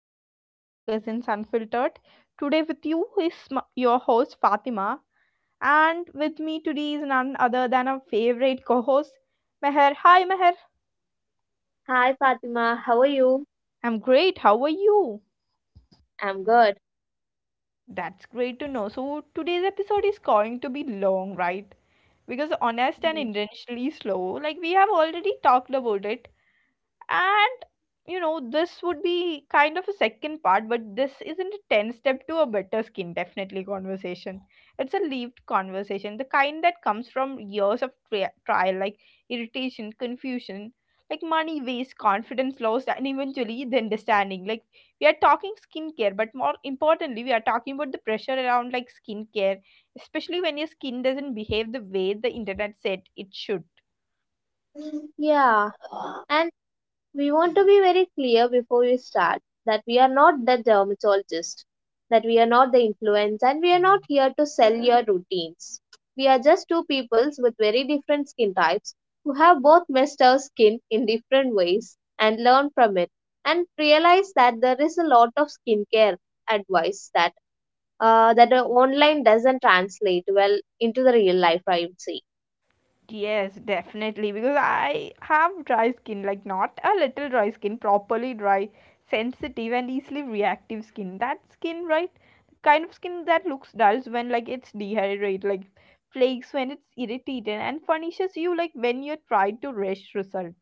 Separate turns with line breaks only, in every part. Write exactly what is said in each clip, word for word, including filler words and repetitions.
another episode of Cousins Unfiltered. Today, with you is m- your host Fatima, and with me today is none other than our favorite co host, Meher. Hi, Meher.
Hi Fatima, how are you?
I'm great. How are you?
I'm good.
That's great to know. So, today's episode is going to be long, right? Because honest and intentionally slow, like we have already talked about it and you know this would be kind of a second part, but this isn't a ten step to a better skin definitely conversation. It's a lived conversation, the kind that comes from years of tri- trial, like irritation, confusion, like money waste, confidence lost, and eventually the understanding. Like, we are talking skincare, but more importantly, we are talking about the pressure around like skincare, especially when your skin doesn't behave the way the internet said it should.
Yeah, and we want to be very clear before we start that we are not the dermatologist, that we are not the influence, and we are not here to sell your routines. We are just two peoples with very different skin types who have both messed our skin in different ways and learn from it and realize that there is a lot of skincare advice that uh, that uh, online doesn't translate well into the real life, I would say.
Yes, definitely. Because I have dry skin, like not a little dry skin, properly dry, sensitive, and easily reactive skin. That skin, right? The kind of skin that looks dull when like it's dehydrated, like flakes when it's irritated, and furnishes you like when you try to rush results.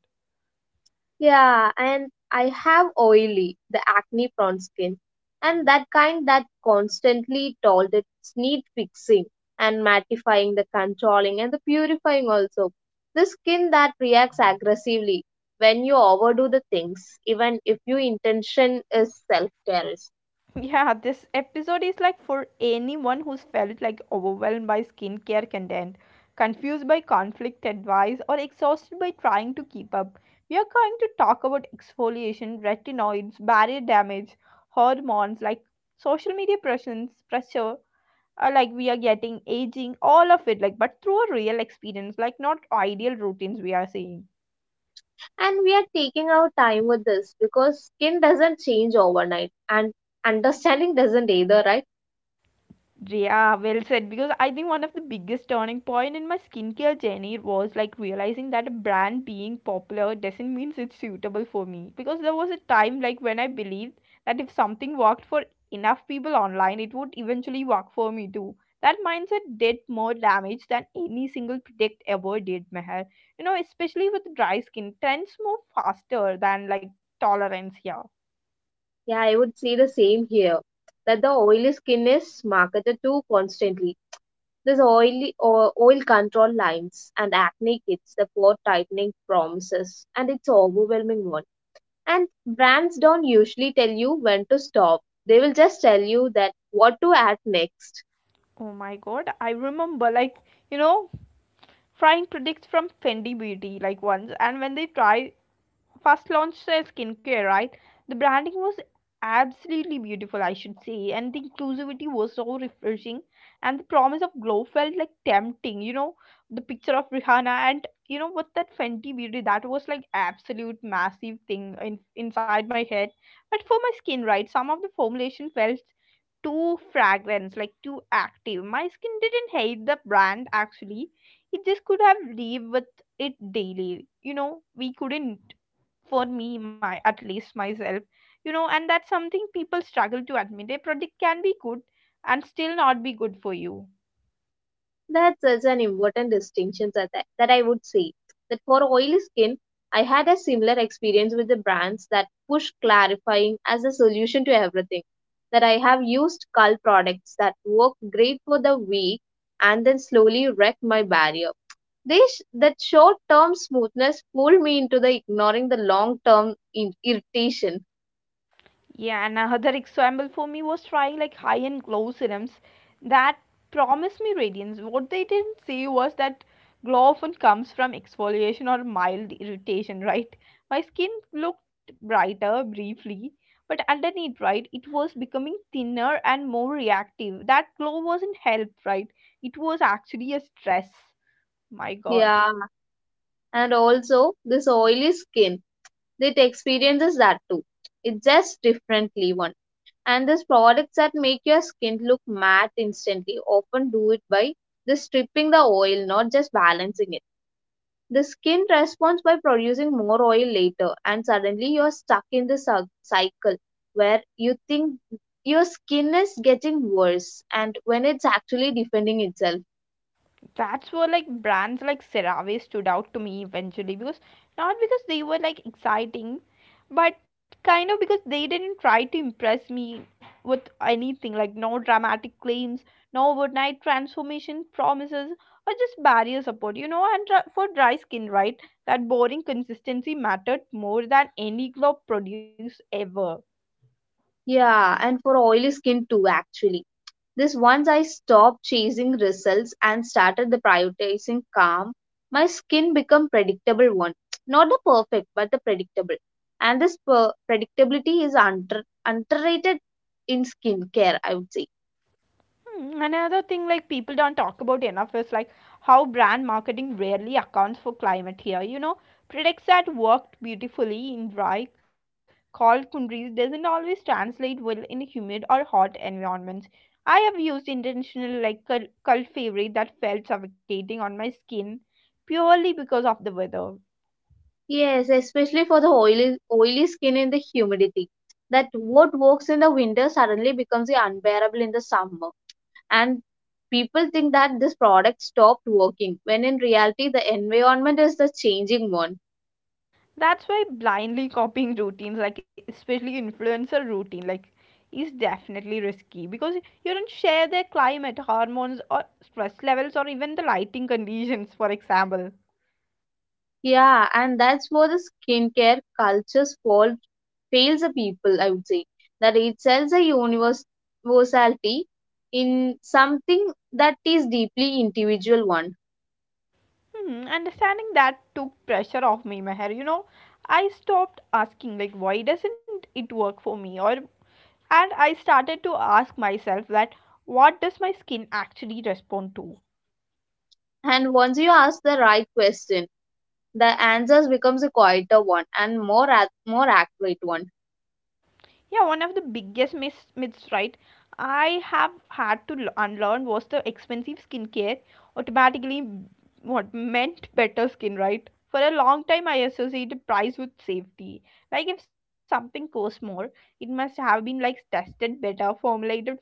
Yeah, and I have oily, the acne prone skin, and that kind that constantly told its need fixing and mattifying, the controlling and the purifying also. The skin that reacts aggressively when you overdo the things, even if your intention is self care.
Yeah, this episode is like for anyone who's felt like overwhelmed by skincare content, confused by conflict advice, or exhausted by trying to keep up. We are going to talk about exfoliation, retinoids, barrier damage, hormones, like social media pressures, pressure, uh, like we are getting aging, all of it, like but through a real experience, like not ideal routines we are seeing.
And we are taking our time with this because skin doesn't change overnight and understanding doesn't either, right?
Yeah, well said. Because I think one of the biggest turning point in my skincare journey was like realizing that a brand being popular doesn't mean it's suitable for me. Because there was a time like when I believed that if something worked for enough people online, it would eventually work for me too. That mindset did more damage than any single product ever did, Meher. You know, especially with dry skin, trends move faster than like tolerance here.
Yeah, I would say the same here. That the oily skin is marketed to constantly. There's oily o- oil control lines and acne kits, the pore tightening promises, and it's overwhelming one. And brands don't usually tell you when to stop. They will just tell you that what to add next.
Oh my god, I remember like, you know, trying products from Fendi Beauty like once, and when they tried first launched their skincare, right? The branding was absolutely beautiful, I should say, and the inclusivity was so refreshing, and the promise of glow felt like tempting. You know, the picture of Rihanna and you know what, that Fenty Beauty, that was like absolute massive thing in, inside my head, but for my skin, right? Some of the formulation felt too fragrant, like too active. My skin didn't hate the brand actually. It just could have lived with it daily. You know, we couldn't, for me, my at least myself. You know, and that's something people struggle to admit. A product can be good and still not be good for you.
That's such an important distinction that I, that I would say. That for oily skin, I had a similar experience with the brands that push clarifying as a solution to everything. That I have used cull products that worked great for the week and then slowly wrecked my barrier. They sh- that short term smoothness pulled me into the ignoring the long term in- irritation.
Yeah, and another example for me was trying like high end glow serums that promised me radiance. What they didn't say was that glow often comes from exfoliation or mild irritation, right? My skin looked brighter briefly, but underneath, right, it was becoming thinner and more reactive. That glow wasn't help, right? It was actually a stress. My
Yeah,
god.
and also this oily skin, it experiences that too. It just differently one, and these products that make your skin look matte instantly often do it by just stripping the oil, not just balancing it. The skin responds by producing more oil later, and suddenly you're stuck in the cyc- cycle where you think your skin is getting worse, and when it's actually defending itself.
That's where like brands like CeraVe stood out to me eventually, because not because they were like exciting, but kind of because they didn't try to impress me with anything, like no dramatic claims, no overnight transformation promises, or just barrier support, you know. And dr- for dry skin, right, that boring consistency mattered more than any glow produced ever.
Yeah, and for oily skin too, actually, this, once I stopped chasing results and started the prioritizing calm, my skin become predictable one. Not the perfect, but the predictable. And this per- predictability is under- underrated in skincare, I would say.
Hmm. Another thing like people don't talk about enough is like how brand marketing rarely accounts for climate here. You know, products that worked beautifully in dry, cold countries doesn't always translate well in humid or hot environments. I have used intentional like cult cult favorite that felt suffocating on my skin purely because of the weather.
Yes, especially for the oily oily skin in the humidity. That what works in the winter suddenly becomes unbearable in the summer. And people think that this product stopped working when in reality the environment is the changing one.
That's why blindly copying routines, like especially influencer routine, like is definitely risky, because you don't share their climate, hormones, or stress levels, or even the lighting conditions, for example.
Yeah, and that's where the skincare culture's fault fails the people, I would say. That it sells a univers- universality in something that is deeply individual one.
Hmm, understanding that took pressure off me, Meher. You know, I stopped asking like why doesn't it work for me, or and I started to ask myself that, what does my skin actually respond to?
And once you ask the right question, the answers becomes a quieter one and more ac- more accurate one.
Yeah, one of the biggest myths, myths, right, I have had to l- unlearn was the expensive skincare automatically m- what meant better skin, right. For a long time I associated price with safety. Like if something costs more, it must have been like tested better, formulated for, you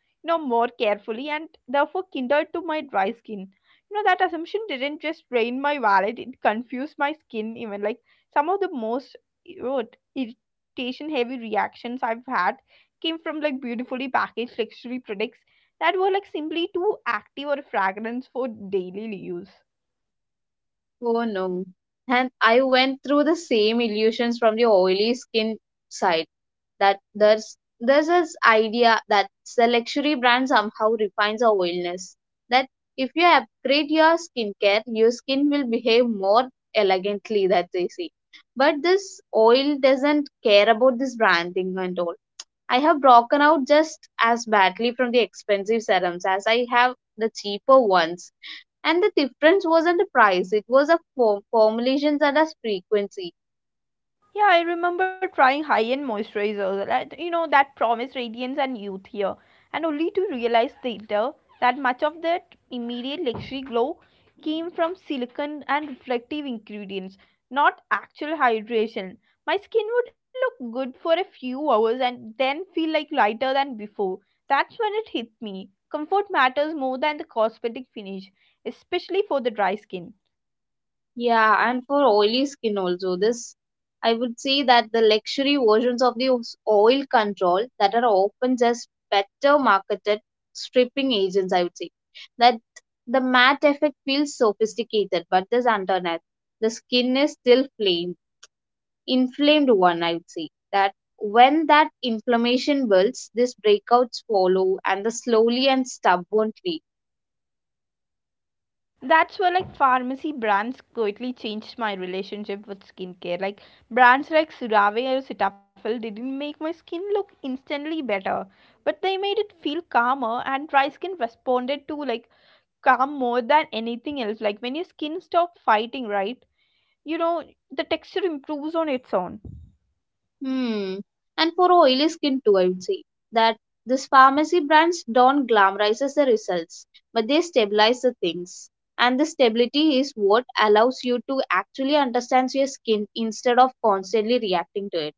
know, more carefully, and therefore kindled to my dry skin. You know, that assumption didn't just drain my wallet, it confused my skin even. Like, some of the most irritation heavy reactions I've had came from like beautifully packaged luxury products that were like simply too active or fragrance for daily use.
Oh no. And I went through the same illusions from the oily skin side. That there's there's this idea that the luxury brand somehow refines our oiliness. That if you upgrade your skincare, your skin will behave more elegantly, that they say. But this oil doesn't care about this branding and all. I have broken out just as badly from the expensive serums as I have the cheaper ones, and the difference wasn't the price, it was a form, formulations and a frequency.
Yeah, I remember trying high-end moisturizers, like, you know, that promise radiance and youth here, and only to realize later that much of that immediate luxury glow came from silicon and reflective ingredients, not actual hydration. My skin would look good for a few hours and then feel like lighter than before. That's when it hit me. Comfort matters more than the cosmetic finish, especially for the dry skin.
Yeah, and for oily skin also, this, I would say that the luxury versions of the os- oil control that are often just better marketed stripping agents, I would say. That the matte effect feels sophisticated, but this underneath, the skin is still flame, inflamed one, I would say. That when that inflammation builds, these breakouts follow and the slowly and stubbornly.
That's where like pharmacy brands quietly changed my relationship with skincare. Like brands like Surave or Cetaphil didn't make my skin look instantly better, but they made it feel calmer, and dry skin responded to like calm more than anything else. Like when your skin stopped fighting, right? You know, the texture improves on its own.
Hmm. And for oily skin too, I would say that these pharmacy brands don't glamorize the results, but they stabilize the things. And the stability is what allows you to actually understand your skin instead of constantly reacting to it.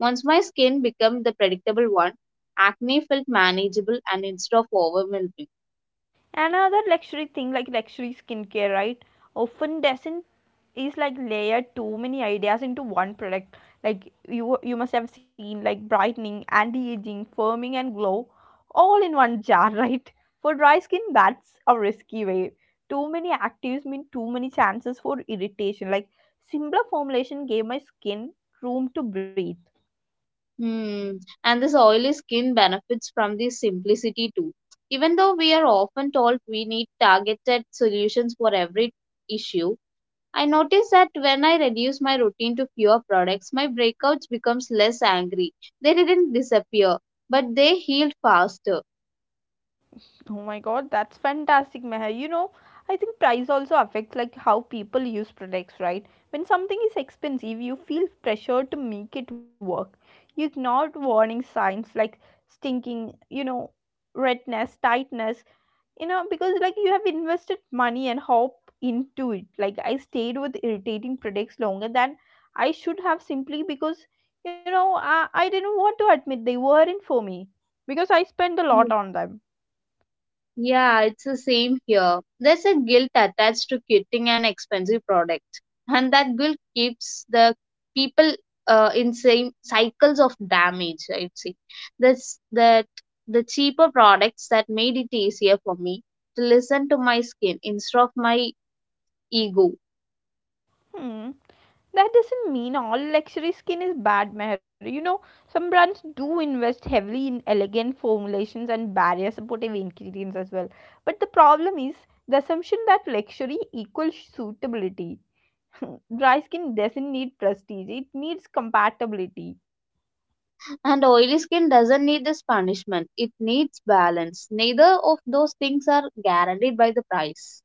Once my skin became the predictable one, acne felt manageable and instead of overwhelming.
Another luxury thing, like luxury skincare, right? Often doesn't, is like layer too many ideas into one product. Like you you must have seen like brightening, anti-aging, firming and glow all in one jar, right? For dry skin that's a risky way. Too many actives mean too many chances for irritation. Like simpler formulation gave my skin room to breathe.
Hmm. And this oily skin benefits from the simplicity too. Even though we are often told we need targeted solutions for every issue, I notice that when I reduce my routine to fewer products, my breakouts becomes less angry. They didn't disappear, but they healed faster.
Oh my god, that's fantastic, Meher. You know, I think price also affects like how people use products, right? When something is expensive, you feel pressure to make it work. You ignore warning signs like stinking, you know, redness, tightness, you know, because like you have invested money and hope into it. Like I stayed with irritating products longer than I should have, simply because, you know, I, I didn't want to admit they weren't for me because I spent a lot on them.
Yeah, it's the same here. There's a guilt attached to getting an expensive product, and that guilt keeps the people uh, in same cycles of damage. I'd say that's that the cheaper products that made it easier for me to listen to my skin instead of my ego.
Hmm. That doesn't mean all luxury skin is bad, Meher. You know, some brands do invest heavily in elegant formulations and barrier supportive ingredients as well. But the problem is the assumption that luxury equals suitability. Dry skin doesn't need prestige, it needs compatibility.
And oily skin doesn't need this punishment; it needs balance. Neither of those things are guaranteed by the price.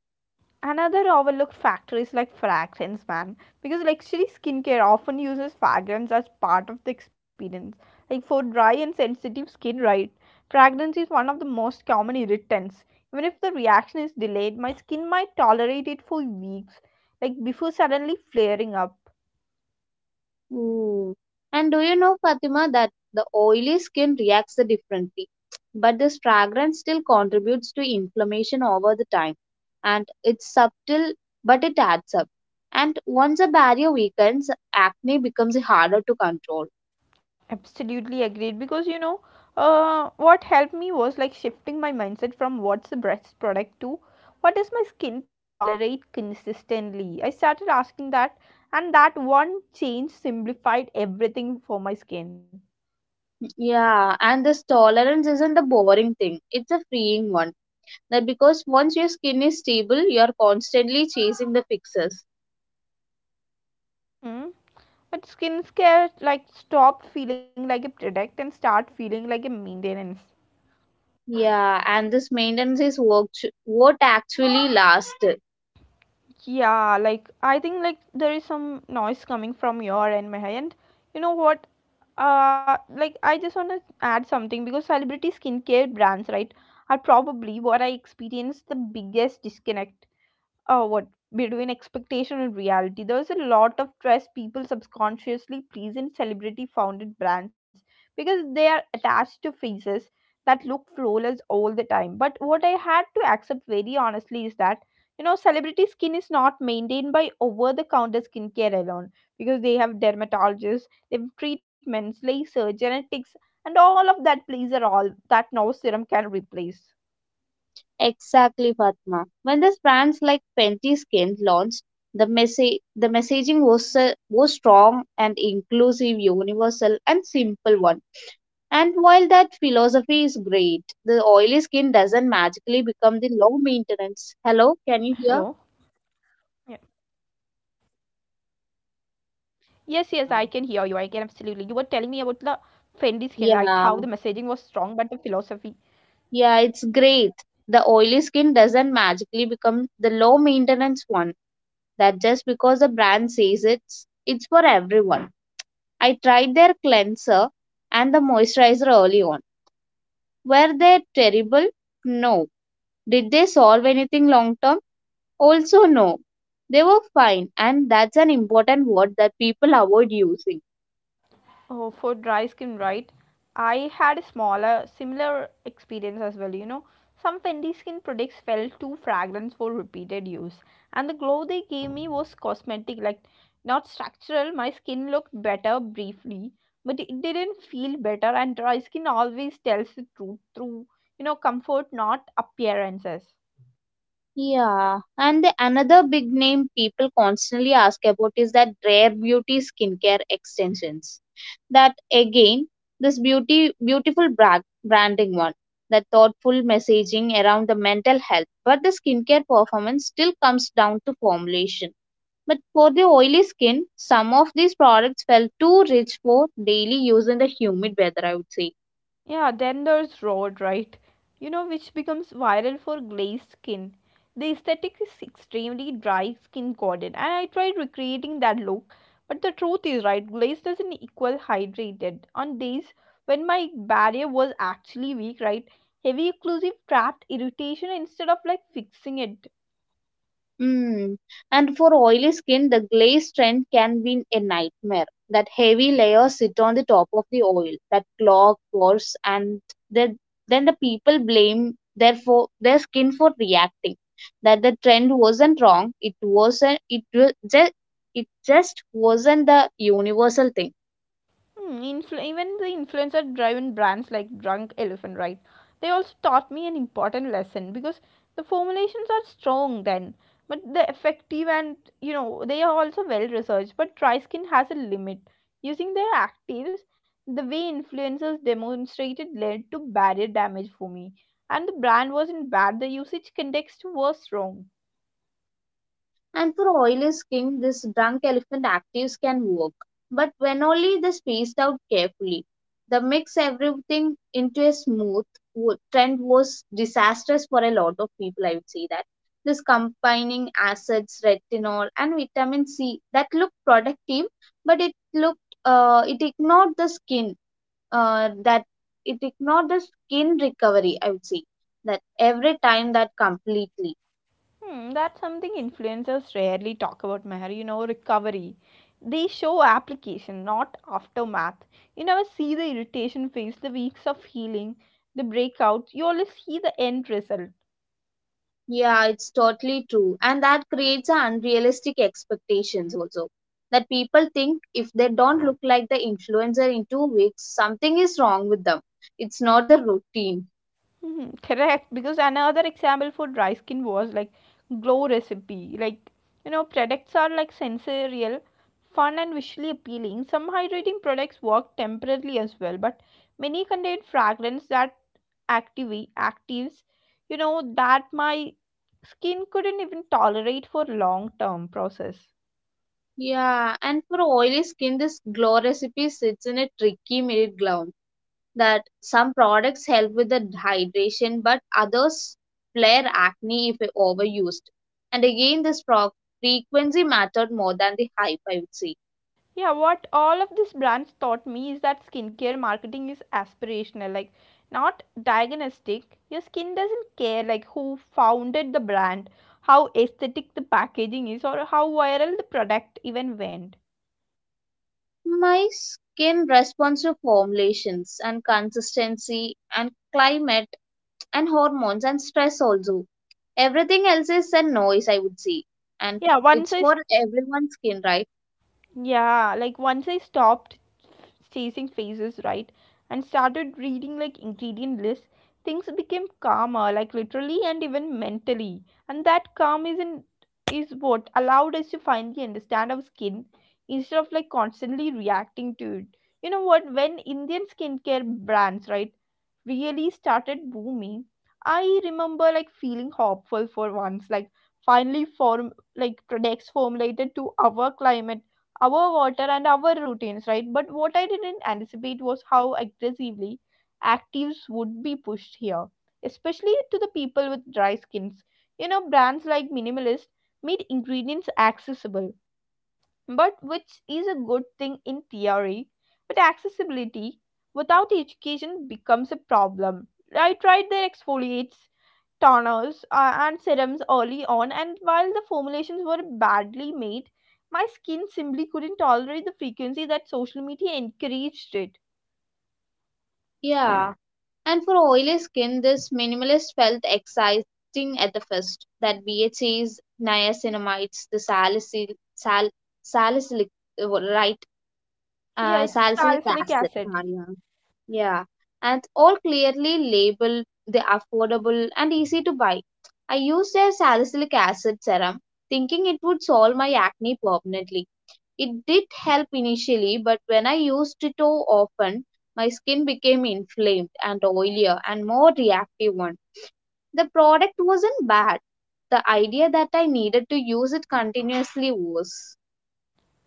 Another overlooked factor is like fragrance, man. Because luxury skincare often uses fragrance as part of the experience. Like for dry and sensitive skin, right? Fragrance is one of the most common irritants. Even if the reaction is delayed, my skin might tolerate it for weeks, like before suddenly flaring up.
Hmm. And do you know, Fatima, that the oily skin reacts differently, but this fragrance still contributes to inflammation over the time. And it's subtle, but it adds up. And once a barrier weakens, acne becomes harder to control.
Absolutely agreed, because you know, uh, what helped me was like shifting my mindset from what's a breast product to what does my skin tolerate consistently. I started asking that, and that one change simplified everything for my skin.
Yeah, and this tolerance isn't the boring thing, it's a freeing one. That because once your skin is stable, you're constantly chasing the fixes.
Hmm. But skincare like stopped feeling like a product and start feeling like a maintenance.
Yeah, and this maintenance is what, what actually lasts.
Yeah, like I think like there is some noise coming from your end, Meha, and you know what? Uh, like I just wanna add something because celebrity skincare brands, right, are probably what I experienced the biggest disconnect uh, what between expectation and reality. There's a lot of trust people subconsciously place in celebrity founded brands because they are attached to faces that look flawless all the time. But what I had to accept very honestly is that, you know, celebrity skin is not maintained by over the counter skincare alone, because they have dermatologists, they have treatments, laser, genetics, and all of that plays a role that no serum can replace.
Exactly, Fatma. When these brands like Fenty Skin launched, the message the messaging was uh, was strong and inclusive, universal and simple one. And while that philosophy is great, the oily skin doesn't
Hello.
magically become the low maintenance. Hello, can you hear?
Yes, yes, I can hear you. I can absolutely. You were telling me about the Fendi skin, like how the messaging was
Yeah,
strong, but the philosophy.
yeah, it's great. The oily skin doesn't magically become the low maintenance one. That just because the brand says it's it's for everyone. I tried their cleanser and the moisturizer early on. Were they terrible? No. Did they solve anything long term? Also, no. They were fine, and that's an important word that people avoid using.
Oh, for dry skin, right? I had a smaller, similar experience as well. You know, some Fendi skin products felt too fragrant for repeated use, and the glow they gave me was cosmetic, like not structural. My skin looked better briefly, but it didn't feel better. And dry skin always tells the truth through, you know, comfort, not appearances.
Yeah, and the another big name people constantly ask about is that rare beauty skincare extensions. That again, this beauty beautiful brand, branding one, that thoughtful messaging around the mental health, but the skincare performance still comes down to formulation, but for the oily skin some of these products felt too rich for daily use in the humid weather, I would say.
Yeah, then there's Road, right? You know, which becomes viral for glazed skin. The aesthetic is extremely dry, skin coated, and I tried recreating that look. But the truth is, right, glazed doesn't equal hydrated. On days when my barrier was actually weak, right, heavy occlusive trapped irritation instead of like fixing it.
Mm. And for oily skin, the glaze trend can be a nightmare. That heavy layers sit on the top of the oil, that clog pores, and then then the people blame their for their skin for reacting. That the trend wasn't wrong. It wasn't. It just. It just wasn't the universal thing.
Hmm, influ- even the influencer driven brands like Drunk Elephant, right? They also taught me an important lesson because the formulations are strong then, but the effective and you know they are also well researched. But dry has a limit. Using their actives, the way influencers demonstrated led to barrier damage for me, and the brand wasn't bad. The usage context was wrong.
And for oily skin, this drunk elephant actives can work, but when only they spaced out carefully. The mix everything into a smooth trend was disastrous for a lot of people, I would say that. This combining acids, retinol, and vitamin C that looked productive, but it looked uh, it ignored the skin uh, that it ignored the skin recovery, I would say that every time that completely.
Hmm, that's something influencers rarely talk about, Meher. You know, recovery. They show application, not aftermath. You never see the irritation phase, the weeks of healing, the breakouts. You only see the end result.
Yeah, it's totally true. And that creates a unrealistic expectations also. That people think if they don't look like the influencer in two weeks, something is wrong with them. It's not the routine.
Hmm, correct. Because another example for dry skin was like glow recipe. Like, you know, products are like sensorial, fun, and visually appealing. Some hydrating products work temporarily as well, but many contain fragrance that active actives you know that my skin couldn't even tolerate for long term process.
Yeah, and for oily skin, this glow recipe sits in a tricky middle ground. That some products help with the hydration, but others flare acne if overused. And again, this pro- frequency mattered more than the hype, I would say.
Yeah, what all of these brands taught me is that skincare marketing is aspirational, like not diagnostic. Your skin doesn't care like who founded the brand, how aesthetic the packaging is, or how viral the product even went.
My skin responds to formulations and consistency and climate and hormones and stress also. Everything else is a noise, I would say. And
yeah once
it's
i s-
for everyone's skin, right?
yeah, like once I stopped chasing phases, right? And started reading like ingredient lists, things became calmer, like literally and even mentally. And that calm isn't is what allowed us to finally understand our skin instead of like constantly reacting to it. You know what? When Indian skincare brands, right, really started booming, I remember like feeling hopeful for once, like finally form like products formulated to our climate, our water, and our routines, right? But what I didn't anticipate was how aggressively actives would be pushed here, especially to the people with dry skins. You know, brands like Minimalist made ingredients accessible, but which is a good thing in theory, but accessibility without education becomes a problem. I tried their exfoliates, toners, uh, and serums early on, and while the formulations were badly made, my skin simply couldn't tolerate the frequency that social media encouraged it.
Yeah. And for oily skin, this minimalist felt exciting at the first. That B H As, niacinamides, the salicylic, sal, salicylic, uh, right?
Yeah,
uh,
it's
salicylic
salicylic
acid.
acid.
Ah, yeah. Yeah, and all clearly labeled, the affordable and easy to buy. I used a salicylic acid serum, thinking it would solve my acne permanently. It did help initially, but when I used it too often, my skin became inflamed and oilier and more reactive one. The product wasn't bad. The idea that I needed to use it continuously was.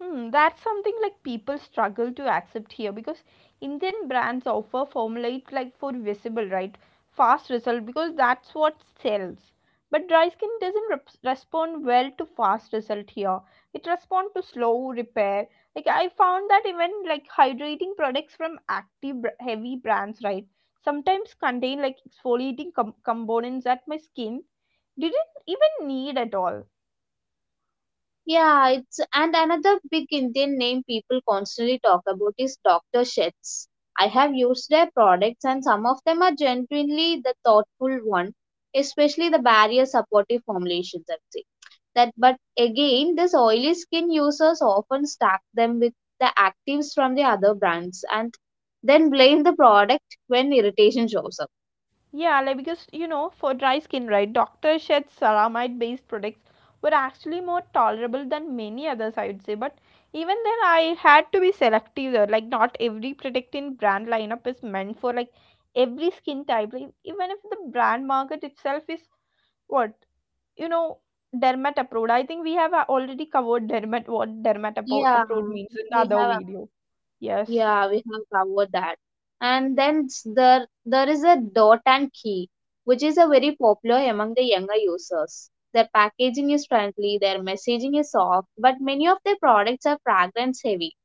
Hmm, that's something like people struggle to accept here because Indian brands offer formulate like for visible, right? Fast result, because that's what sells. But dry skin doesn't rep- respond well to fast result here. It responds to slow repair. Like I found that even like hydrating products from active br- heavy brands, right? Sometimes contain like exfoliating com- components that my skin didn't even need at all.
Yeah, it's and another big Indian name people constantly talk about is Doctor Sheth's. I have used their products and some of them are genuinely the thoughtful one, especially the barrier supportive formulations, I'd say. That but again this oily skin users often stack them with the actives from the other brands and then blame the product when irritation shows up.
Yeah, like because you know, for dry skin, right, Doctor Sheth's ceramide based products were actually more tolerable than many others, I would say. But even then, I had to be selective there. Like, not every product in brand lineup is meant for like every skin type. Like, even if the brand market itself is what, you know, dermat approved. I think we have uh, already covered dermat, what dermat appro-
Yeah,
approved means in the
we
other
have.
video. Yes.
Yeah, we have covered that. And then s- there there is a dot and key, which is a very popular among the younger users. Their packaging is friendly, their messaging is soft, but many of their products are fragrance heavy.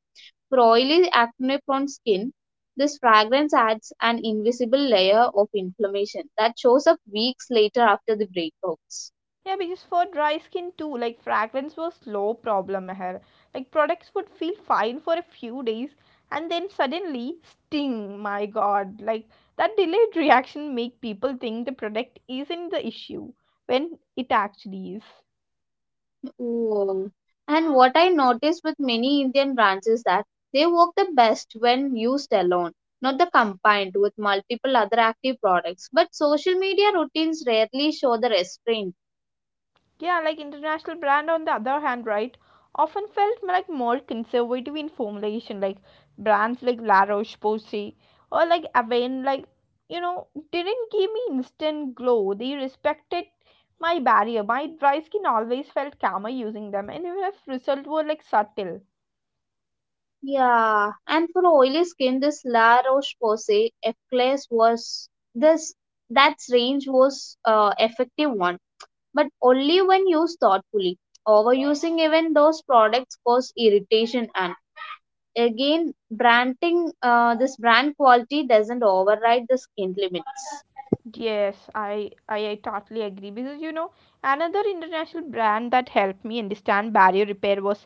For oily acne prone skin, this fragrance adds an invisible layer of inflammation that shows up weeks later after the breakouts.
Yeah, because for dry skin too, like fragrance was slow problem here. Like products would feel fine for a few days and then suddenly sting. My God, like that delayed reaction make people think the product isn't the issue when it actually is.
Oh. And what I noticed with many Indian brands is that they work the best when used alone, not the combined with multiple other active products. But social media routines rarely show the restraint.
Yeah, like international brand on the other hand, right, often felt like more conservative in formulation, like brands like La Roche-Posay or like Avene, like you know, didn't give me instant glow. They respected my barrier. My dry skin always felt calmer using them, and even if results were like subtle.
Yeah, and for oily skin, this La Roche-Posay Eclairs was this that range was uh, effective one, but only when used thoughtfully. Overusing even those products cause irritation and Again, branding, uh, this brand quality doesn't override the skin limits.
Yes, I, I I totally agree, because you know another international brand that helped me understand barrier repair was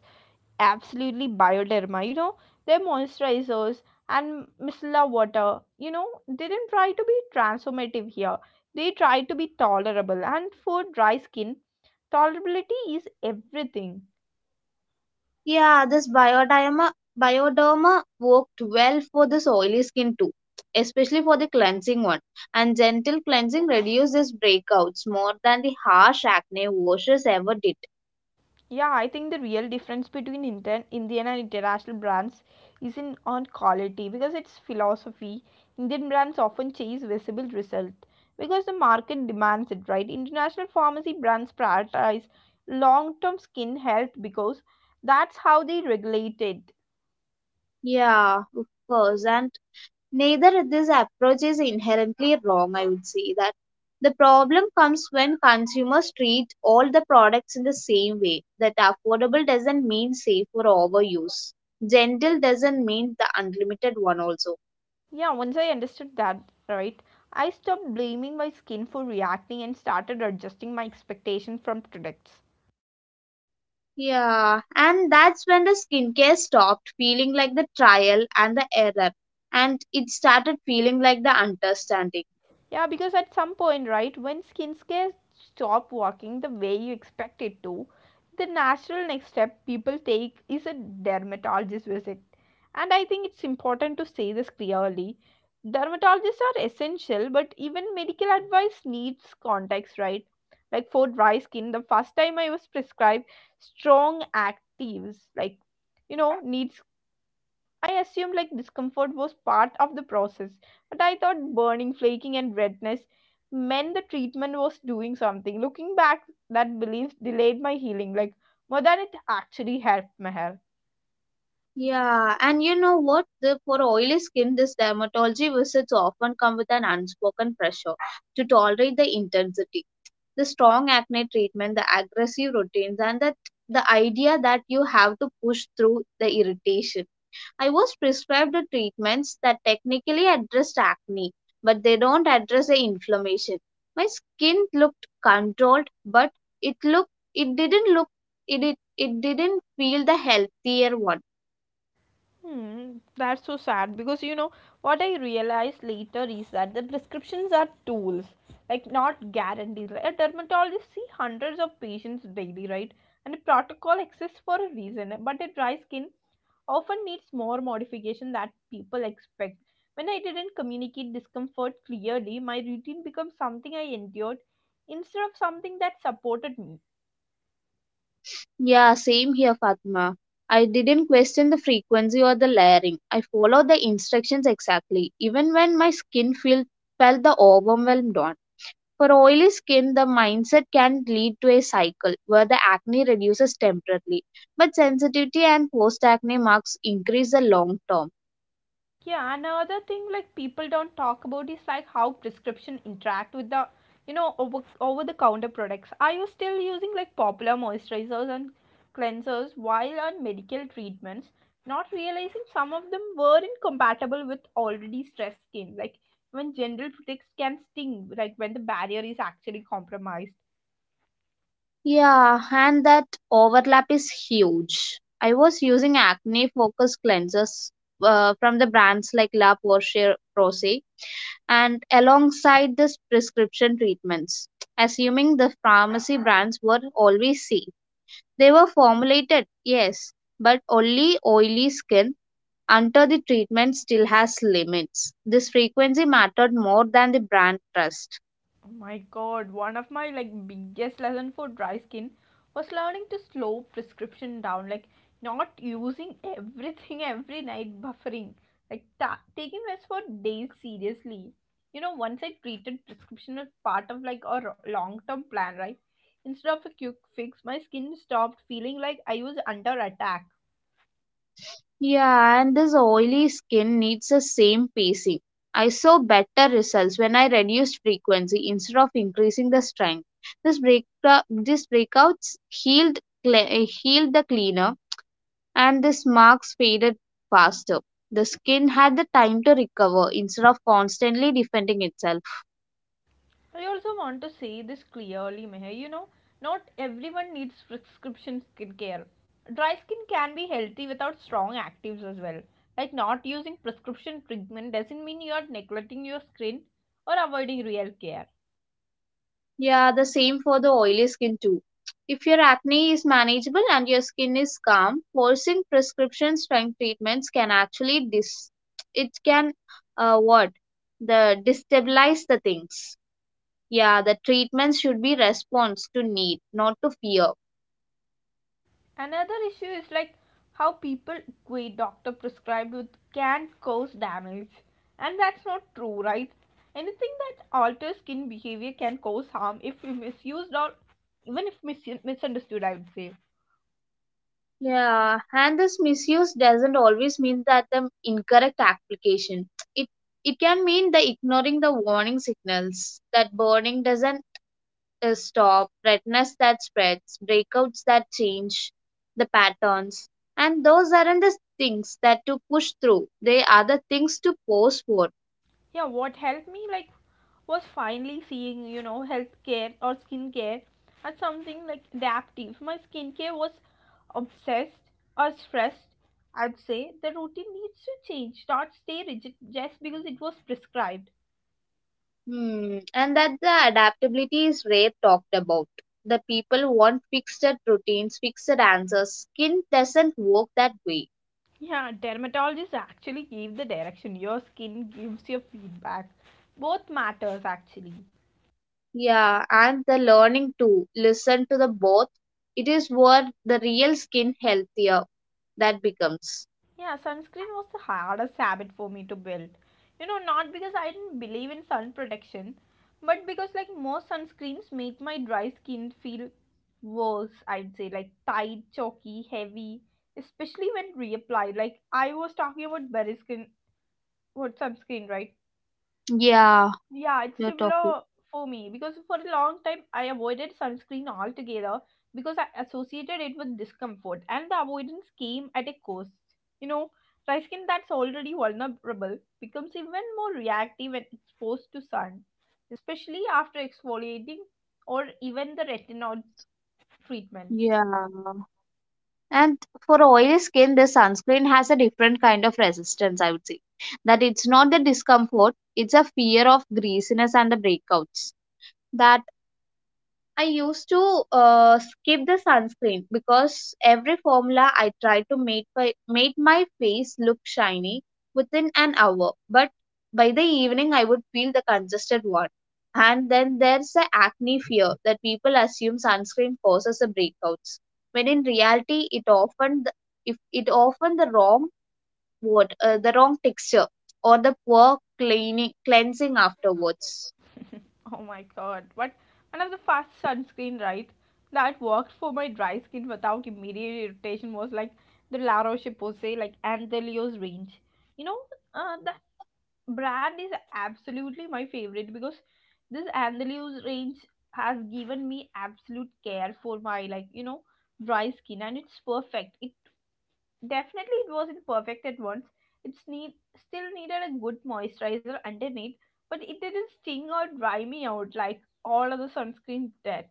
absolutely Bioderma. You know, their moisturizers and micellar water, you know, they didn't try to be transformative here. They tried to be tolerable, and for dry skin, tolerability is everything.
Yeah, this bioderma bioderma worked well for this oily skin too, especially for the cleansing one. And gentle cleansing reduces breakouts more than the harsh acne washes ever did.
Yeah, I think the real difference between Indian, Indian and international brands is in on quality because it's philosophy. Indian brands often chase visible result because the market demands it, right? International pharmacy brands prioritize long-term skin health because that's how they regulate it.
Yeah, of course. And neither this approach is inherently wrong, I would say that. The problem comes when consumers treat all the products in the same way. That affordable doesn't mean safe for overuse. Gentle doesn't mean the unlimited one also.
Yeah, once I understood that, right, I stopped blaming my skin for reacting and started adjusting my expectation from products.
Yeah, and that's when the skincare stopped feeling like the trial and the error, and it started feeling like the understanding.
Yeah, because at some point, right, when skincare stop working the way you expect it to, the natural next step people take is a dermatologist visit. And I think it's important to say this clearly. Dermatologists are essential, but even medical advice needs context, right? Like for dry skin, the first time I was prescribed strong actives, like you know, needs, I assumed like discomfort was part of the process, but I thought burning, flaking, and redness meant the treatment was doing something. Looking back, that belief delayed my healing, like more than it actually helped my health.
Yeah, and you know what? The, for oily skin, this dermatology visits often come with an unspoken pressure to tolerate the intensity, the strong acne treatment, the aggressive routines, and that the idea that you have to push through the irritation. I was prescribed the treatments that technically addressed acne, but they don't address the inflammation. My skin looked controlled, but it looked it didn't look it it, it didn't feel the healthier one.
Hmm, that's so sad, because you know what I realized later is that the prescriptions are tools, like not guarantees. Like a dermatologist see hundreds of patients daily, right? And the protocol exists for a reason, but a dry skin often needs more modification than people expect. When I didn't communicate discomfort clearly, my routine became something I endured instead of something that supported me.
Yeah, same here, Fatma. I didn't question the frequency or the layering. I followed the instructions exactly, even when my skin feel, felt the overwhelmed on. For oily skin, the mindset can lead to a cycle where the acne reduces temporarily, but sensitivity and post acne marks increase the long term.
Yeah, another thing like people don't talk about is like how prescription interact with the, you know, over over the counter products. Are you still using like popular moisturizers and cleansers while on medical treatments, not realizing some of them were incompatible with already stressed skin? Like when general products can sting, like when the barrier is actually compromised.
Yeah, and that overlap is huge. I was using acne focused cleansers uh, from the brands like La Porsche Rose and alongside this prescription treatments, assuming the pharmacy brands were always safe. They were formulated, yes, but only oily skin until the treatment still has limits. This frequency mattered more than the brand trust.
Oh my god, one of my like biggest lesson for dry skin was learning to slow prescription down, like not using everything every night, buffering, like ta- taking rest for days seriously. You know, once I treated prescription as part of like a long term plan, right? Instead of a quick fix, my skin stopped feeling like I was under attack.
Yeah, and this oily skin needs the same pacing. I saw better results when I reduced frequency instead of increasing the strength. This break, these breakouts healed cle- uh, healed the cleaner and the marks faded faster. The skin had the time to recover instead of constantly defending itself.
I also want to say this clearly, Meher. You know, not everyone needs prescription skincare. Dry skin can be healthy without strong actives as well. Like, not using prescription treatment doesn't mean you are neglecting your skin or avoiding real care.
Yeah, the same for the oily skin too. If your acne is manageable and your skin is calm, forcing prescription strength treatments can actually dis it can uh, what the destabilize the things. Yeah, the treatments should be response to need, not to fear.
Another issue is like how people equate doctor prescribed with can cause damage. And that's not true, right? Anything that alters skin behavior can cause harm if misused or even if mis- misunderstood, I would say.
Yeah, and this misuse doesn't always mean that the incorrect application. It it can mean the ignoring the warning signals, that burning doesn't uh, stop, redness that spreads, breakouts that change the patterns, and those aren't the things that to push through. They are the things to pose for.
Yeah, what helped me like was finally seeing, you know, healthcare or skincare as something like adaptive. My skincare was obsessed or stressed, I'd say the routine needs to change, not stay rigid just because it was prescribed.
Hmm. And that the adaptability is rare talked about. The people want fixed routines, fixed answers. Skin doesn't work that way.
Yeah, dermatologists actually gave the direction, your skin gives your feedback. Both matters actually.
Yeah, and the learning to listen to the both. It is what the real skin healthier that becomes.
Yeah, sunscreen was the hardest habit for me to build. You know, not because I didn't believe in sun protection, but because like most sunscreens make my dry skin feel worse, I'd say, like tight, chalky, heavy, especially when reapplied. Like I was talking about berry skin what sunscreen, right?
Yeah,
Yeah, it's
you're talking.
similar for me because for a long time I avoided sunscreen altogether because I associated it with discomfort and the avoidance came at a cost. You know, dry skin that's already vulnerable becomes even more reactive when exposed to sun, especially after exfoliating or even the retinol treatments.
Yeah. And for oily skin, the sunscreen has a different kind of resistance, I would say. That it's not the discomfort, it's a fear of greasiness and the breakouts. That I used to uh, skip the sunscreen because every formula I tried to make my, made my face look shiny within an hour. But by the evening, I would feel the congested one. And then there's the acne fear that people assume sunscreen causes the breakouts, when in reality, it often the, if it often the wrong what uh, the wrong texture or the poor cleaning cleansing afterwards.
Oh my god, what another fast sunscreen, right? That worked for my dry skin without immediate irritation was like the La Roche Posay, like Anthelios range. You know, uh, that brand is absolutely my favorite because this Anthelios range has given me absolute care for my, like, you know, dry skin and it's perfect. Definitely, it wasn't perfect at once. It need, still needed a good moisturizer underneath, but it didn't sting or dry me out like all other sunscreens did.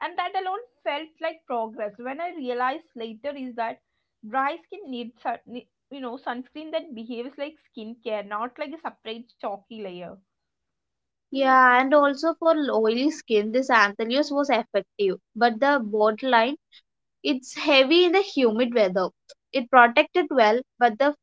And that alone felt like progress. When I realized later is that dry skin needs, sun- ne- you know, sunscreen that behaves like skincare, not like a separate chalky layer.
Yeah, and also for oily skin, this Anthelios was effective. But the bottom line it's heavy in the humid weather. It protected well, but the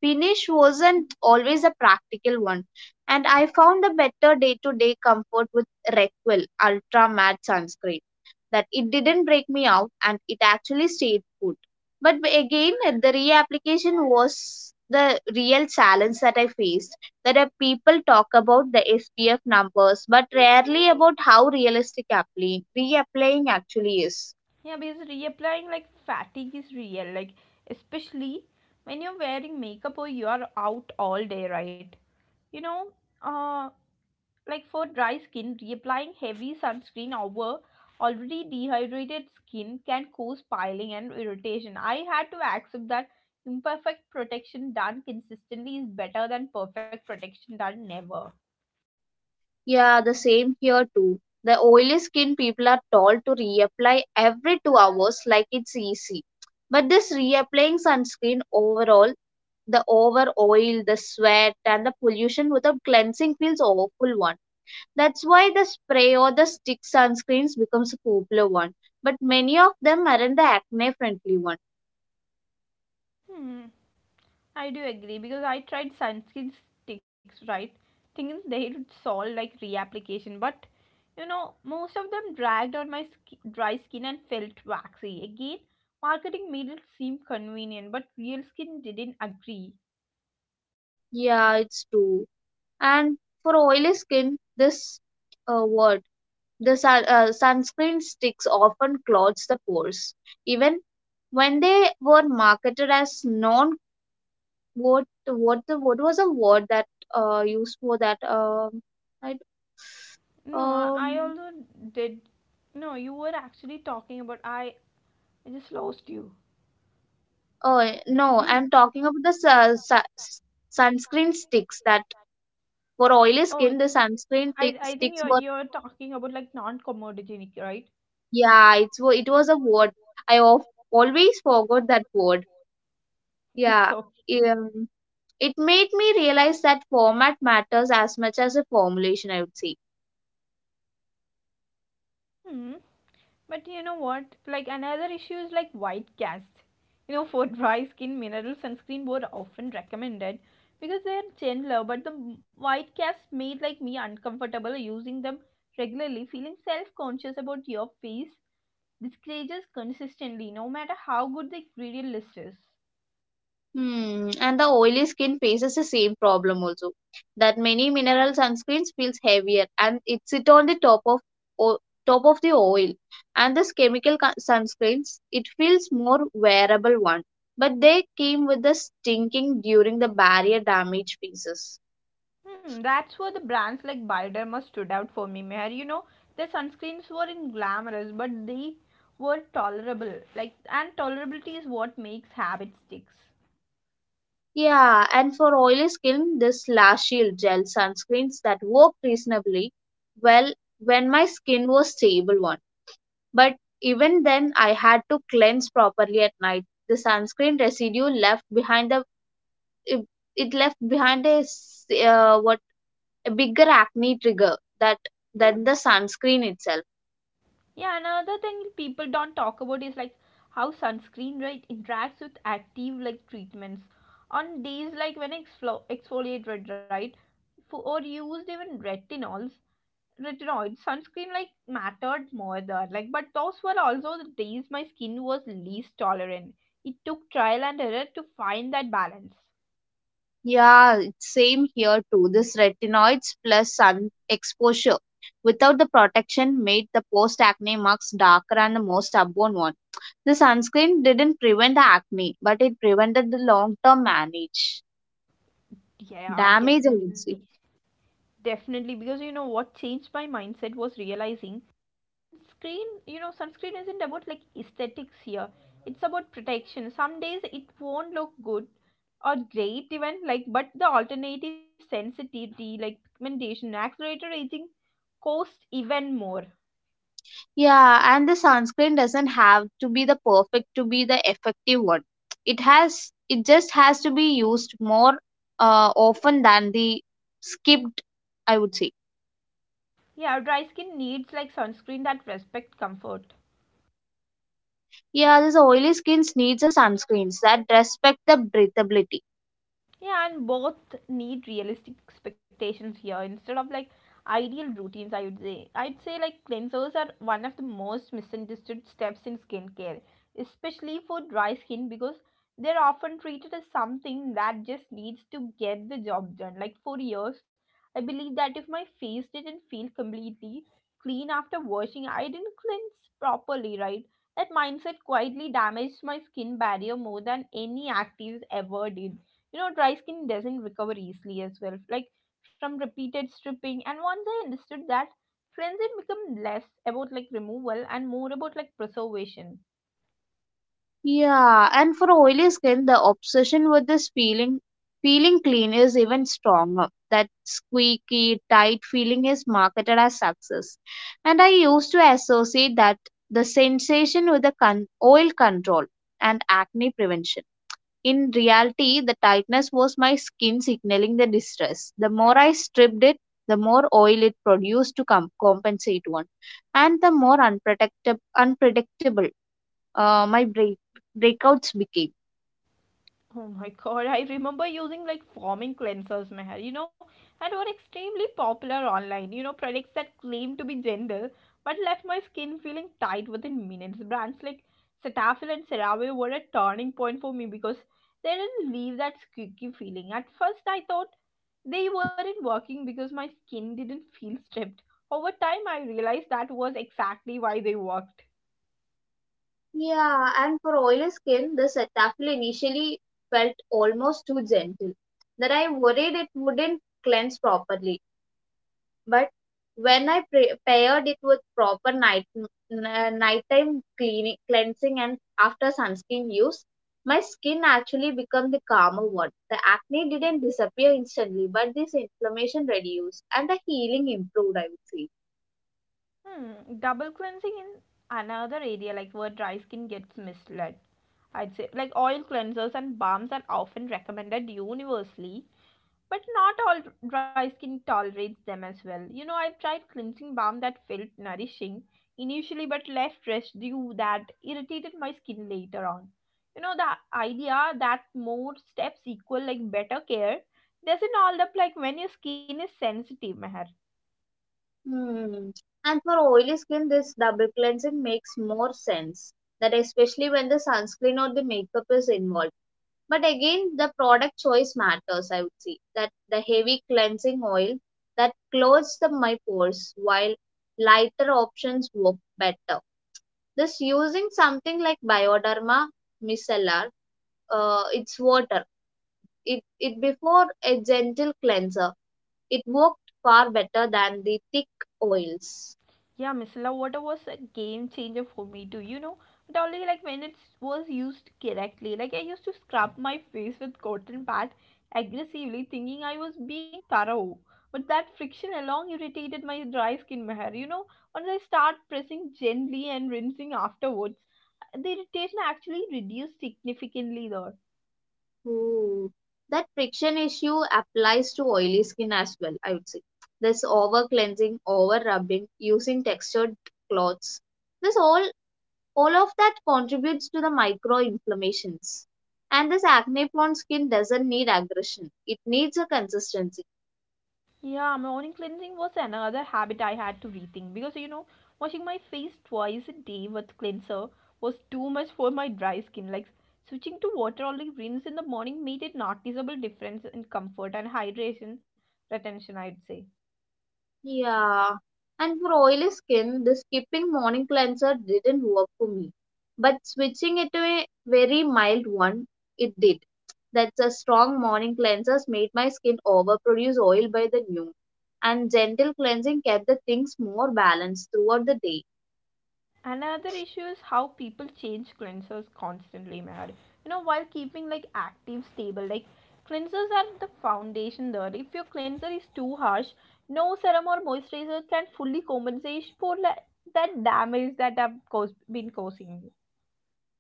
finish wasn't always a practical one, and I found a better day to day comfort with Requel Ultra Matte Sunscreen. That it didn't break me out and it actually stayed put. But b- again, the reapplication was the real challenge that I faced. That uh, people talk about the S P F numbers, but rarely about how realistic applying, reapplying actually is.
Yeah, because reapplying like fatigue is real, like especially when you're wearing makeup or you are out all day, right? You know, uh like for dry skin, reapplying heavy sunscreen over already dehydrated skin can cause piling and irritation. I had to accept that imperfect protection done consistently is better than perfect protection done never.
Yeah, the same here too. The oily skin people are told to reapply every two hours like it's easy. But this reapplying sunscreen overall, the over oil, the sweat, and the pollution without cleansing feels awful one. That's why the spray or the stick sunscreens becomes a popular one. But many of them aren't the acne friendly one.
Hmm. I do agree because I tried sunscreen sticks, right? Thinking they would solve like reapplication, but you know, most of them dragged on my sk- dry skin and felt waxy. Again, marketing made it seem convenient, but real skin didn't agree.
Yeah, it's true. And for oily skin, this uh, word the sun, uh, sunscreen sticks often clogs the pores. Even when they were marketed as non what what the what was a word that uh used for that um I d-
No, I, I
um
also did. No, you were actually talking about I. I just lost you.
oh eh, no, I'm talking about the su- su- sunscreen sticks that for oily
Oh,
skin the
I
sunscreen tick
I think you're
sticks were
you're talking about like non-commodogenic, right?
yeah it's wa- it was a word I of, always forgot that word
It's
yeah
so.
um, it made me realize that format matters as much as a formulation, I would say.
Hmm. But you know what? Like another issue is like white cast. You know, for dry skin, mineral sunscreen were often recommended because they are gentler. But the white cast made like me uncomfortable using them regularly, feeling self-conscious about your face. This creatures consistently, no matter how good the ingredient list is.
Hmm. And the oily skin faces the same problem also. That many mineral sunscreens feels heavier and it sit on the top of o- top of the oil. And this chemical co- sunscreens it feels more wearable one, but they came with the stinking during the barrier damage phases.
Hmm, that's where the brands like Bioderma stood out for me, Meher. You know, their sunscreens weren't glamorous, but they were tolerable. Like, and tolerability is what makes habit sticks.
Yeah, and for oily skin, this Lash Shield gel sunscreens that worked reasonably well when my skin was stable one. But even then, I had to cleanse properly at night. The sunscreen residue left behind the it, it left behind a s- uh, what a bigger acne trigger that than the sunscreen itself.
Yeah, another thing people don't talk about is like how sunscreen, right, interacts with active like treatments. On days like when I exflo- exfoliate red, right, for, or used even retinols, retinoid sunscreen like mattered more there, like but those were also the days my skin was least tolerant. It took trial and error to find that balance.
Yeah, it's same here too. This retinoids plus sun exposure without the protection made the post acne marks darker and the most stubborn one. The sunscreen didn't prevent the acne, but it prevented the long term manage
Yeah,
damage, I would
definitely.
say.
Definitely, because you know what changed my mindset was realizing screen you know sunscreen isn't about like aesthetics here, it's about protection. Some days it won't look good or great even, like but the alternative, sensitivity like pigmentation, accelerated aging, cost even more.
Yeah, and the sunscreen doesn't have to be the perfect to be the effective one. It has it just has to be used more uh, often than the skipped, I would say.
Yeah, dry skin needs like sunscreen that respect comfort.
Yeah, this oily skins needs a sunscreens that respect the breathability.
Yeah, and both need realistic expectations here instead of like ideal routines, I would say. I'd say like cleansers are one of the most misunderstood steps in skincare, especially for dry skin because they're often treated as something that just needs to get the job done. Like, for years, I believe that if my face didn't feel completely clean after washing, I didn't cleanse properly, right? That mindset quietly damaged my skin barrier more than any actives ever did. You know, dry skin doesn't recover easily as well, like from repeated stripping. And once I understood that, cleansing become less about like removal and more about like preservation.
Yeah, and for oily skin, the obsession with this feeling feeling clean is even stronger. That squeaky, tight feeling is marketed as success. And I used to associate that the sensation with the con- oil control and acne prevention. In reality, the tightness was my skin signaling the distress. The more I stripped it, the more oil it produced to com- compensate one, and the more unprotectable, unpredictable uh, my break- breakouts became.
Oh my god, I remember using like foaming cleansers, Meher, you know, and were extremely popular online. You know, products that claim to be gentle but left my skin feeling tight within minutes. Brands like Cetaphil and CeraVe were a turning point for me because they didn't leave that squeaky feeling. At first, I thought they weren't working because my skin didn't feel stripped. Over time, I realized that was exactly why they worked.
Yeah, and for oily skin, the Cetaphil initially felt almost too gentle, that I worried it wouldn't cleanse properly. But when I pre- paired it with proper night n- nighttime cleaning, cleansing and after sunscreen use, my skin actually became the calmer one. The acne didn't disappear instantly, but this inflammation reduced and the healing improved, I would say.
Hmm, double cleansing in another area like where dry skin gets misled. I'd say like oil cleansers and balms are often recommended universally, but not all dry skin tolerates them as well. You know, I've tried cleansing balm that felt nourishing initially but left residue that irritated my skin later on. You know, the idea that more steps equal like better care doesn't hold up like when your skin is sensitive, Meher.
Hmm. And for oily skin, this double cleansing makes more sense. That especially when the sunscreen or the makeup is involved. But again, the product choice matters, I would say, that the heavy cleansing oil that closes the my pores while lighter options work better. This using something like bioderma micellar uh, it's water it it before a gentle cleanser, it worked far better than the thick oils.
Yeah, micellar water was a game changer for me too, you know. But only like when it was used correctly. Like, I used to scrub my face with cotton pad aggressively, thinking I was being thorough. But that friction alone irritated my dry skin hair, you know. Once I start pressing gently and rinsing afterwards, the irritation actually reduced significantly there.
Ooh, that friction issue applies to oily skin as well, I would say. This over cleansing, over rubbing, using textured cloths. This all all of that contributes to the micro inflammations. And this acne prone skin doesn't need aggression. It needs a consistency.
Yeah, morning cleansing was another habit I had to rethink because, you know, washing my face twice a day with cleanser was too much for my dry skin. Like, switching to water only rinse in the morning made a noticeable difference in comfort and hydration retention, I'd say.
Yeah, and for oily skin, the skipping morning cleanser didn't work for me. But switching it to a very mild one, it did. That's a strong morning cleansers made my skin overproduce oil by the noon. And gentle cleansing kept the things more balanced throughout the day.
Another issue is how people change cleansers constantly, Mad. You know, while keeping like active, stable, like cleansers are the foundation there. If your cleanser is too harsh, no serum or moisturizer can fully compensate for, like, that damage that have caused, been causing.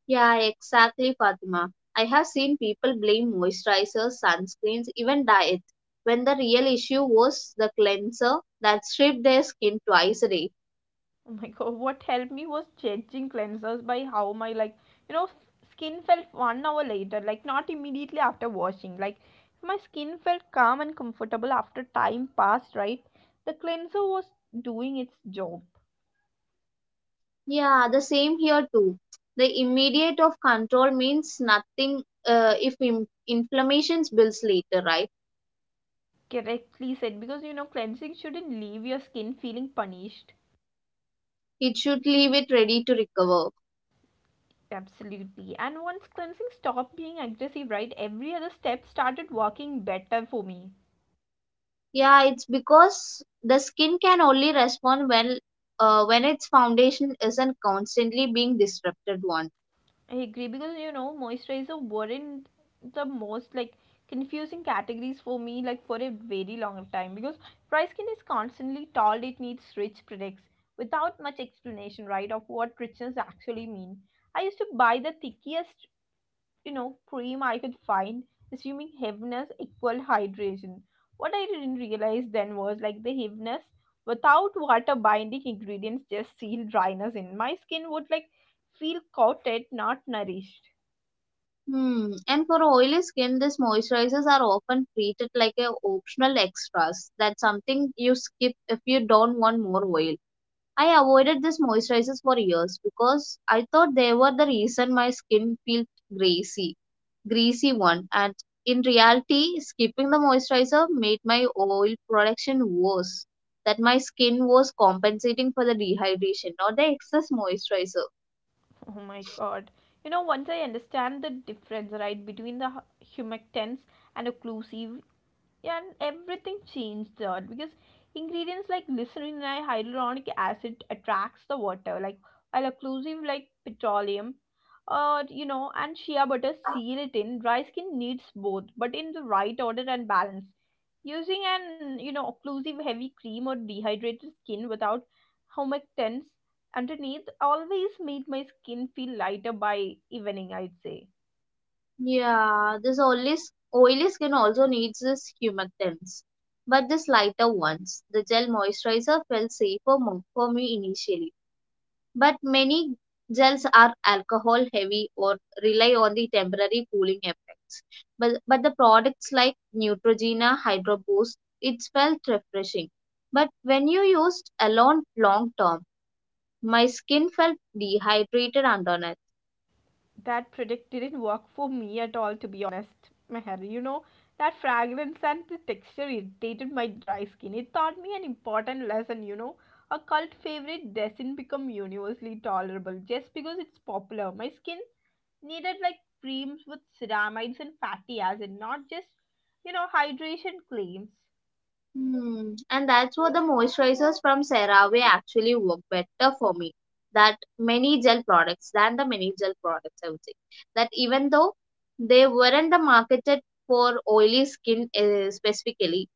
Yeah, exactly, Fatima. I have seen people blame moisturizers, sunscreens, even diets, when the real issue was the cleanser that stripped their skin twice a day.
Oh my god, what helped me was judging cleansers by how my like you know f- skin felt one hour later, like not immediately after washing. Like, if my skin felt calm and comfortable after time passed, right? The cleanser was doing its job.
Yeah, the same here too. The immediate of control means nothing uh, if in- inflammation builds later, right?
Correctly said, because you know cleansing shouldn't leave your skin feeling punished.
It should leave it ready to recover.
Absolutely. And once cleansing stopped being aggressive, right, every other step started working better for me.
Yeah, it's because the skin can only respond when uh, when its foundation isn't constantly being disrupted one.
I agree because you know moisturizer weren't the most like confusing categories for me like for a very long time because dry skin is constantly told it needs rich products without much explanation, right, of what richness actually mean. I used to buy the thickest, you know, cream I could find, assuming heaviness equal hydration. What I didn't realize then was like the heaviness without water binding ingredients just sealed dryness in. My skin would like feel coated, not nourished.
Hmm. And for oily skin, these moisturizers are often treated like a optional extras. That's something you skip if you don't want more oil. I avoided these moisturizers for years because I thought they were the reason my skin felt greasy, greasy one. And in reality, skipping the moisturizer made my oil production worse. That my skin was compensating for the dehydration, not the excess moisturizer.
Oh my god. You know, once I understand the difference, right, between the hu- humectants and occlusive, yeah, and everything changed there because ingredients like glycerin and hyaluronic acid attracts the water, like while occlusive like petroleum, uh, you know, and shea butter seal it in. Dry skin needs both, but in the right order and balance. Using an, you know, occlusive heavy cream or dehydrated skin without humectants underneath always made my skin feel lighter by evening, I'd say.
Yeah, this oily, s- oily skin also needs this humectants, but this lighter ones. The gel moisturizer felt safer mo- for me initially but many gels are alcohol heavy or rely on the temporary cooling effects. But, but the products like Neutrogena Hydro Boost, it felt refreshing. But when you used alone long term, my skin felt dehydrated and uneven.
That product didn't work for me at all, to be honest, Meher. You know, that fragrance and the texture irritated my dry skin. It taught me an important lesson, you know. A cult favorite doesn't become universally tolerable just because it's popular. My skin needed like creams with ceramides and fatty acid, not just, you know, hydration claims.
Hmm. And that's what the moisturizers from CeraVe actually work better for me that many gel products than the many gel products, I would say. That even though they weren't the marketed for oily skin uh, specifically,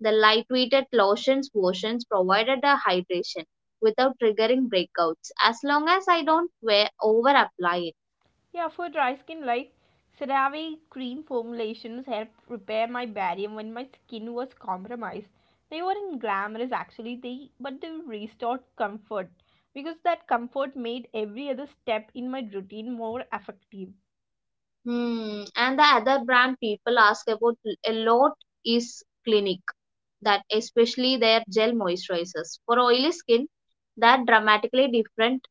the lightweighted lotions versions provided the hydration without triggering breakouts as long as I don't wear over apply it.
Yeah, for dry skin, like CeraVe cream formulations helped repair my barrier when my skin was compromised. They weren't glamorous actually, they but they restored comfort because that comfort made every other step in my routine more effective.
Hmm. And the other brand people ask about a lot is Clinique, that especially their gel moisturizers for oily skin. That dramatically different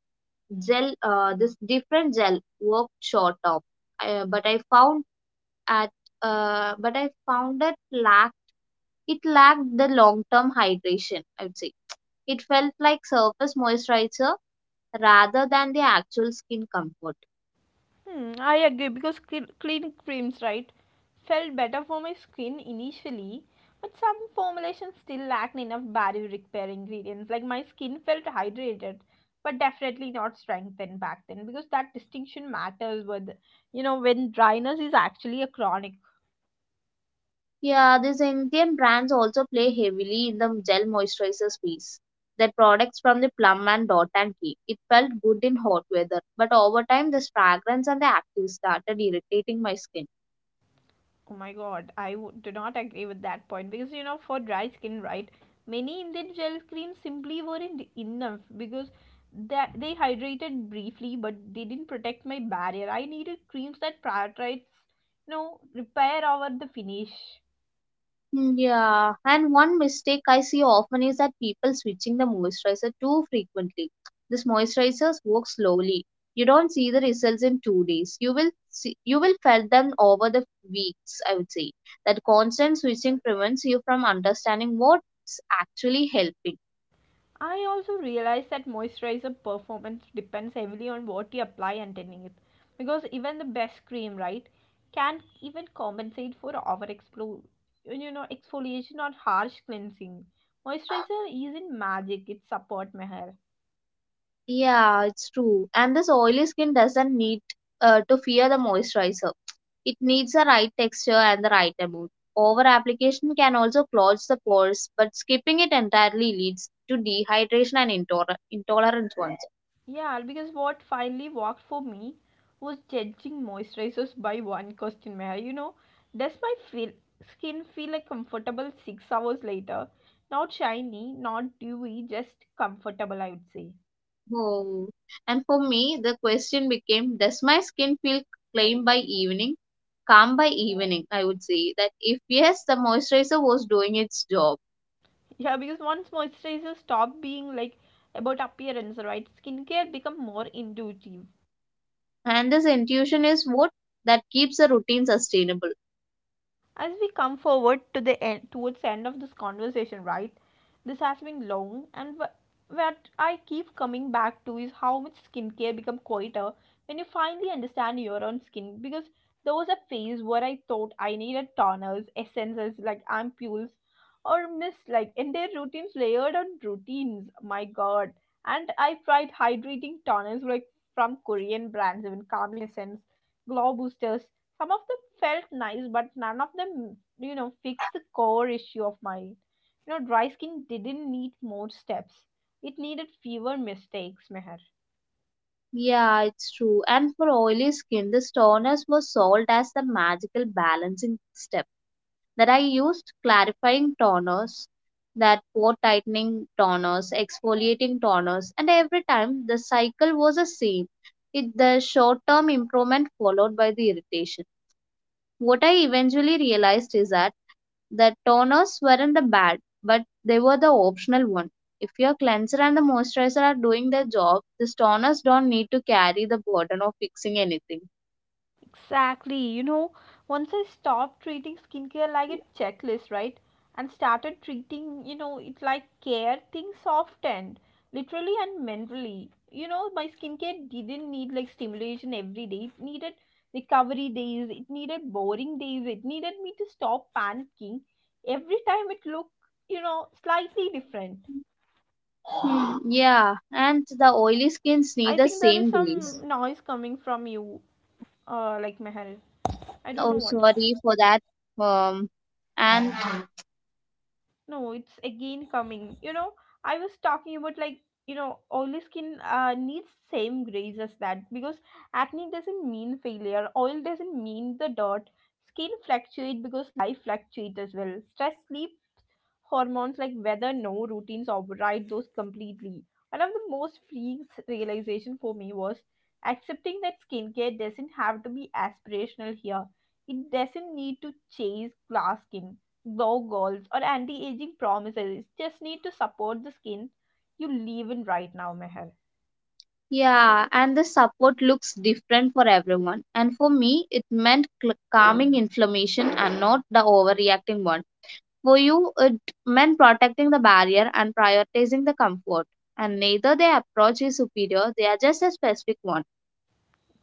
gel, uh, this different gel worked short of, uh, but I found at, uh, but I found it lack it lacked the long term hydration. I would say it felt like surface moisturizer rather than the actual skin comfort.
Hmm, I agree because cl- clean creams, right, felt better for my skin initially, but some formulations still lacked enough barrier repair ingredients. Like, my skin felt hydrated, but definitely not strengthened back then because that distinction matters with, you know, when dryness is actually a chronic.
Yeah, these Indian brands also play heavily in the gel moisturizer space. Their products from the Plum and Dot and Key. It felt good in hot weather, but over time, this fragrance and the active started irritating my skin.
Oh my god, I w- do not agree with that point because, you know, for dry skin, right? Many Indian gel creams simply weren't enough because that they hydrated briefly, but they didn't protect my barrier. I needed creams that prioritize, you know, repair over the finish.
Mm, yeah, and one mistake I see often is that people switching the moisturizer too frequently. This moisturizers work slowly. You don't see the results in two days. You will see, you will felt them over the weeks. I would say that constant switching prevents you from understanding what's actually helping.
I also realized that moisturizer performance depends heavily on what you apply underneath it, because even the best cream, right, can't even compensate for over explo- you know, exfoliation or harsh cleansing. Moisturizer isn't magic; it's support my hair.
Yeah, it's true. And this oily skin doesn't need uh, to fear the moisturizer. It needs the right texture and the right amount. Over application can also clog the pores, but skipping it entirely leads to dehydration and intoler- intolerant ones.
Yeah, because what finally worked for me was judging moisturizers by one question, Meher. You know, does my feel, skin feel like comfortable six hours later? Not shiny, not dewy, just comfortable, I would say.
Oh. And for me, the question became, does my skin feel clean by evening? Calm by evening, I would say that if yes, the moisturizer was doing its job.
Yeah, because once moisturizers stop being like about appearance, right? Skincare become more intuitive.
And this intuition is what that keeps the routine sustainable.
As we come forward to the end, towards the end of this conversation, right, this has been long, and wh- what I keep coming back to is how much skincare become quieter when you finally understand your own skin, because there was a phase where I thought I needed toners, essences, like ampules, or miss like in their routines, layered on routines, my god. And I tried hydrating toners like from Korean brands, even calming essence, glow boosters. Some of them felt nice, but none of them, you know, fixed the core issue of mine. You know, dry skin didn't need more steps. It needed fewer mistakes, Meher.
Yeah, it's true. And for oily skin, the toners were sold as the magical balancing step that I used clarifying toners, that pore tightening toners, exfoliating toners, and every time the cycle was the same. It the short term improvement followed by the irritation. What I eventually realized is that the toners weren't the bad, but they were the optional one. If your cleanser and the moisturizer are doing their job, the toners don't need to carry the burden of fixing anything.
Exactly. You know, once I stopped treating skincare like a checklist, right? And started treating, you know, it like care, things softened, literally and mentally. You know, my skincare didn't need like stimulation every day. It needed recovery days. It needed boring days. It needed me to stop panicking every time it looked, you know, slightly different.
Hmm, yeah, and the oily skins need
I
the
think there is
same grease.
some noise coming from you, uh, like Meher. I don't know
Oh,
what.
sorry for that. Um, and
No, it's again coming. You know, I was talking about, like, you know, oily skin uh, needs same grace as that because acne doesn't mean failure. Oil doesn't mean the dirt. Skin fluctuate because life fluctuates as well. Stress, sleep, hormones like whether no routines override those completely. One of the most freeing realization for me was accepting that skincare doesn't have to be aspirational here. It doesn't need to chase glass skin, glow goals, or anti-aging promises. It just need to support the skin you live in right now, Meher.
yeah, and the support looks different for everyone. And for me, it meant cl- calming inflammation and not the overreacting one. For you, it meant protecting the barrier and prioritizing the comfort. And neither their approach is superior, they are just a specific one.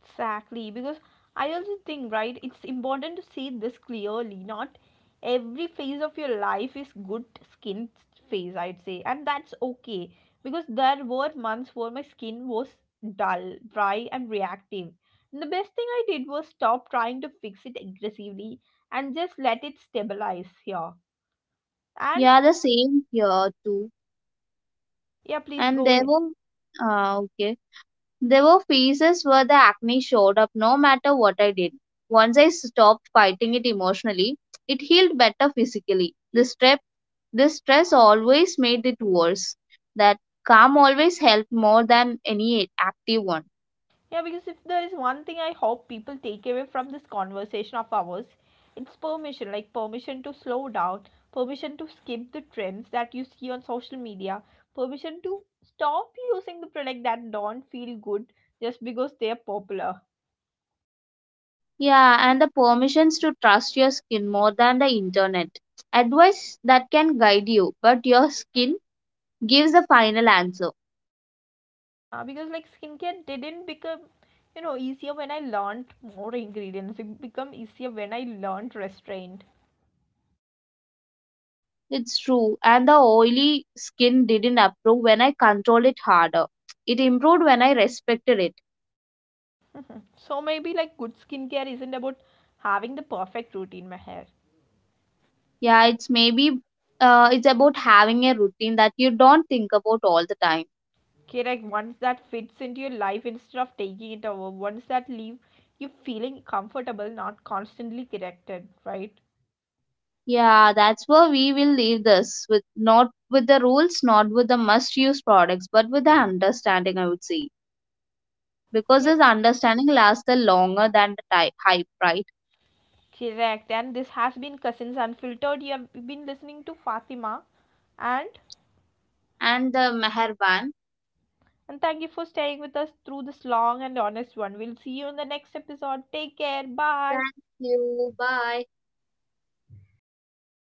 Exactly, because I also think, right, it's important to see this clearly. Not every phase of your life is good skin phase, I'd say, and that's okay because there were months where my skin was dull, dry, and reactive. And the best thing I did was stop trying to fix it aggressively and just let it stabilize here. And
Yeah, the same here too.
yeah, please
And
go
there
ahead.
were, uh, okay, there were phases where the acne showed up no matter what I did. Once I stopped fighting it emotionally, it healed better physically. The stress, the stress always made it worse. That calm always helped more than any active one.
Yeah, because if there is one thing I hope people take away from this conversation of ours, it's permission, like permission to slow down, permission to skip the trends that you see on social media, permission to stop using the product that don't feel good just because they are popular.
Yeah, and the permissions to trust your skin more than the internet. Advice that can guide you, but your skin gives the final answer.
Uh, because like skincare didn't become, you know, easier when I learned more ingredients, it became easier when I learned restraint.
Yeah, it's true. And the oily skin didn't improve when I controlled it harder. It improved when I respected it.
So maybe like good skincare isn't about having the perfect routine, Meher.
Yeah, it's maybe uh, it's about having a routine that you don't think about all the time.
Correct. Like, ones that fits into your life instead of taking it over, ones that leave you feeling comfortable, not constantly corrected, right?
Yeah, that's where we will leave this with not with the rules, not with the must use products, but with the understanding, I would say. Because this
Yep,
understanding lasts the longer than the type hype, right?
correct. And this has been Cousins Unfiltered. You have been listening to Fatima and
And the Meherban.
and thank you for staying with us through this long and honest one. We'll see you in the next episode. Take care. Bye.
Thank you. Bye.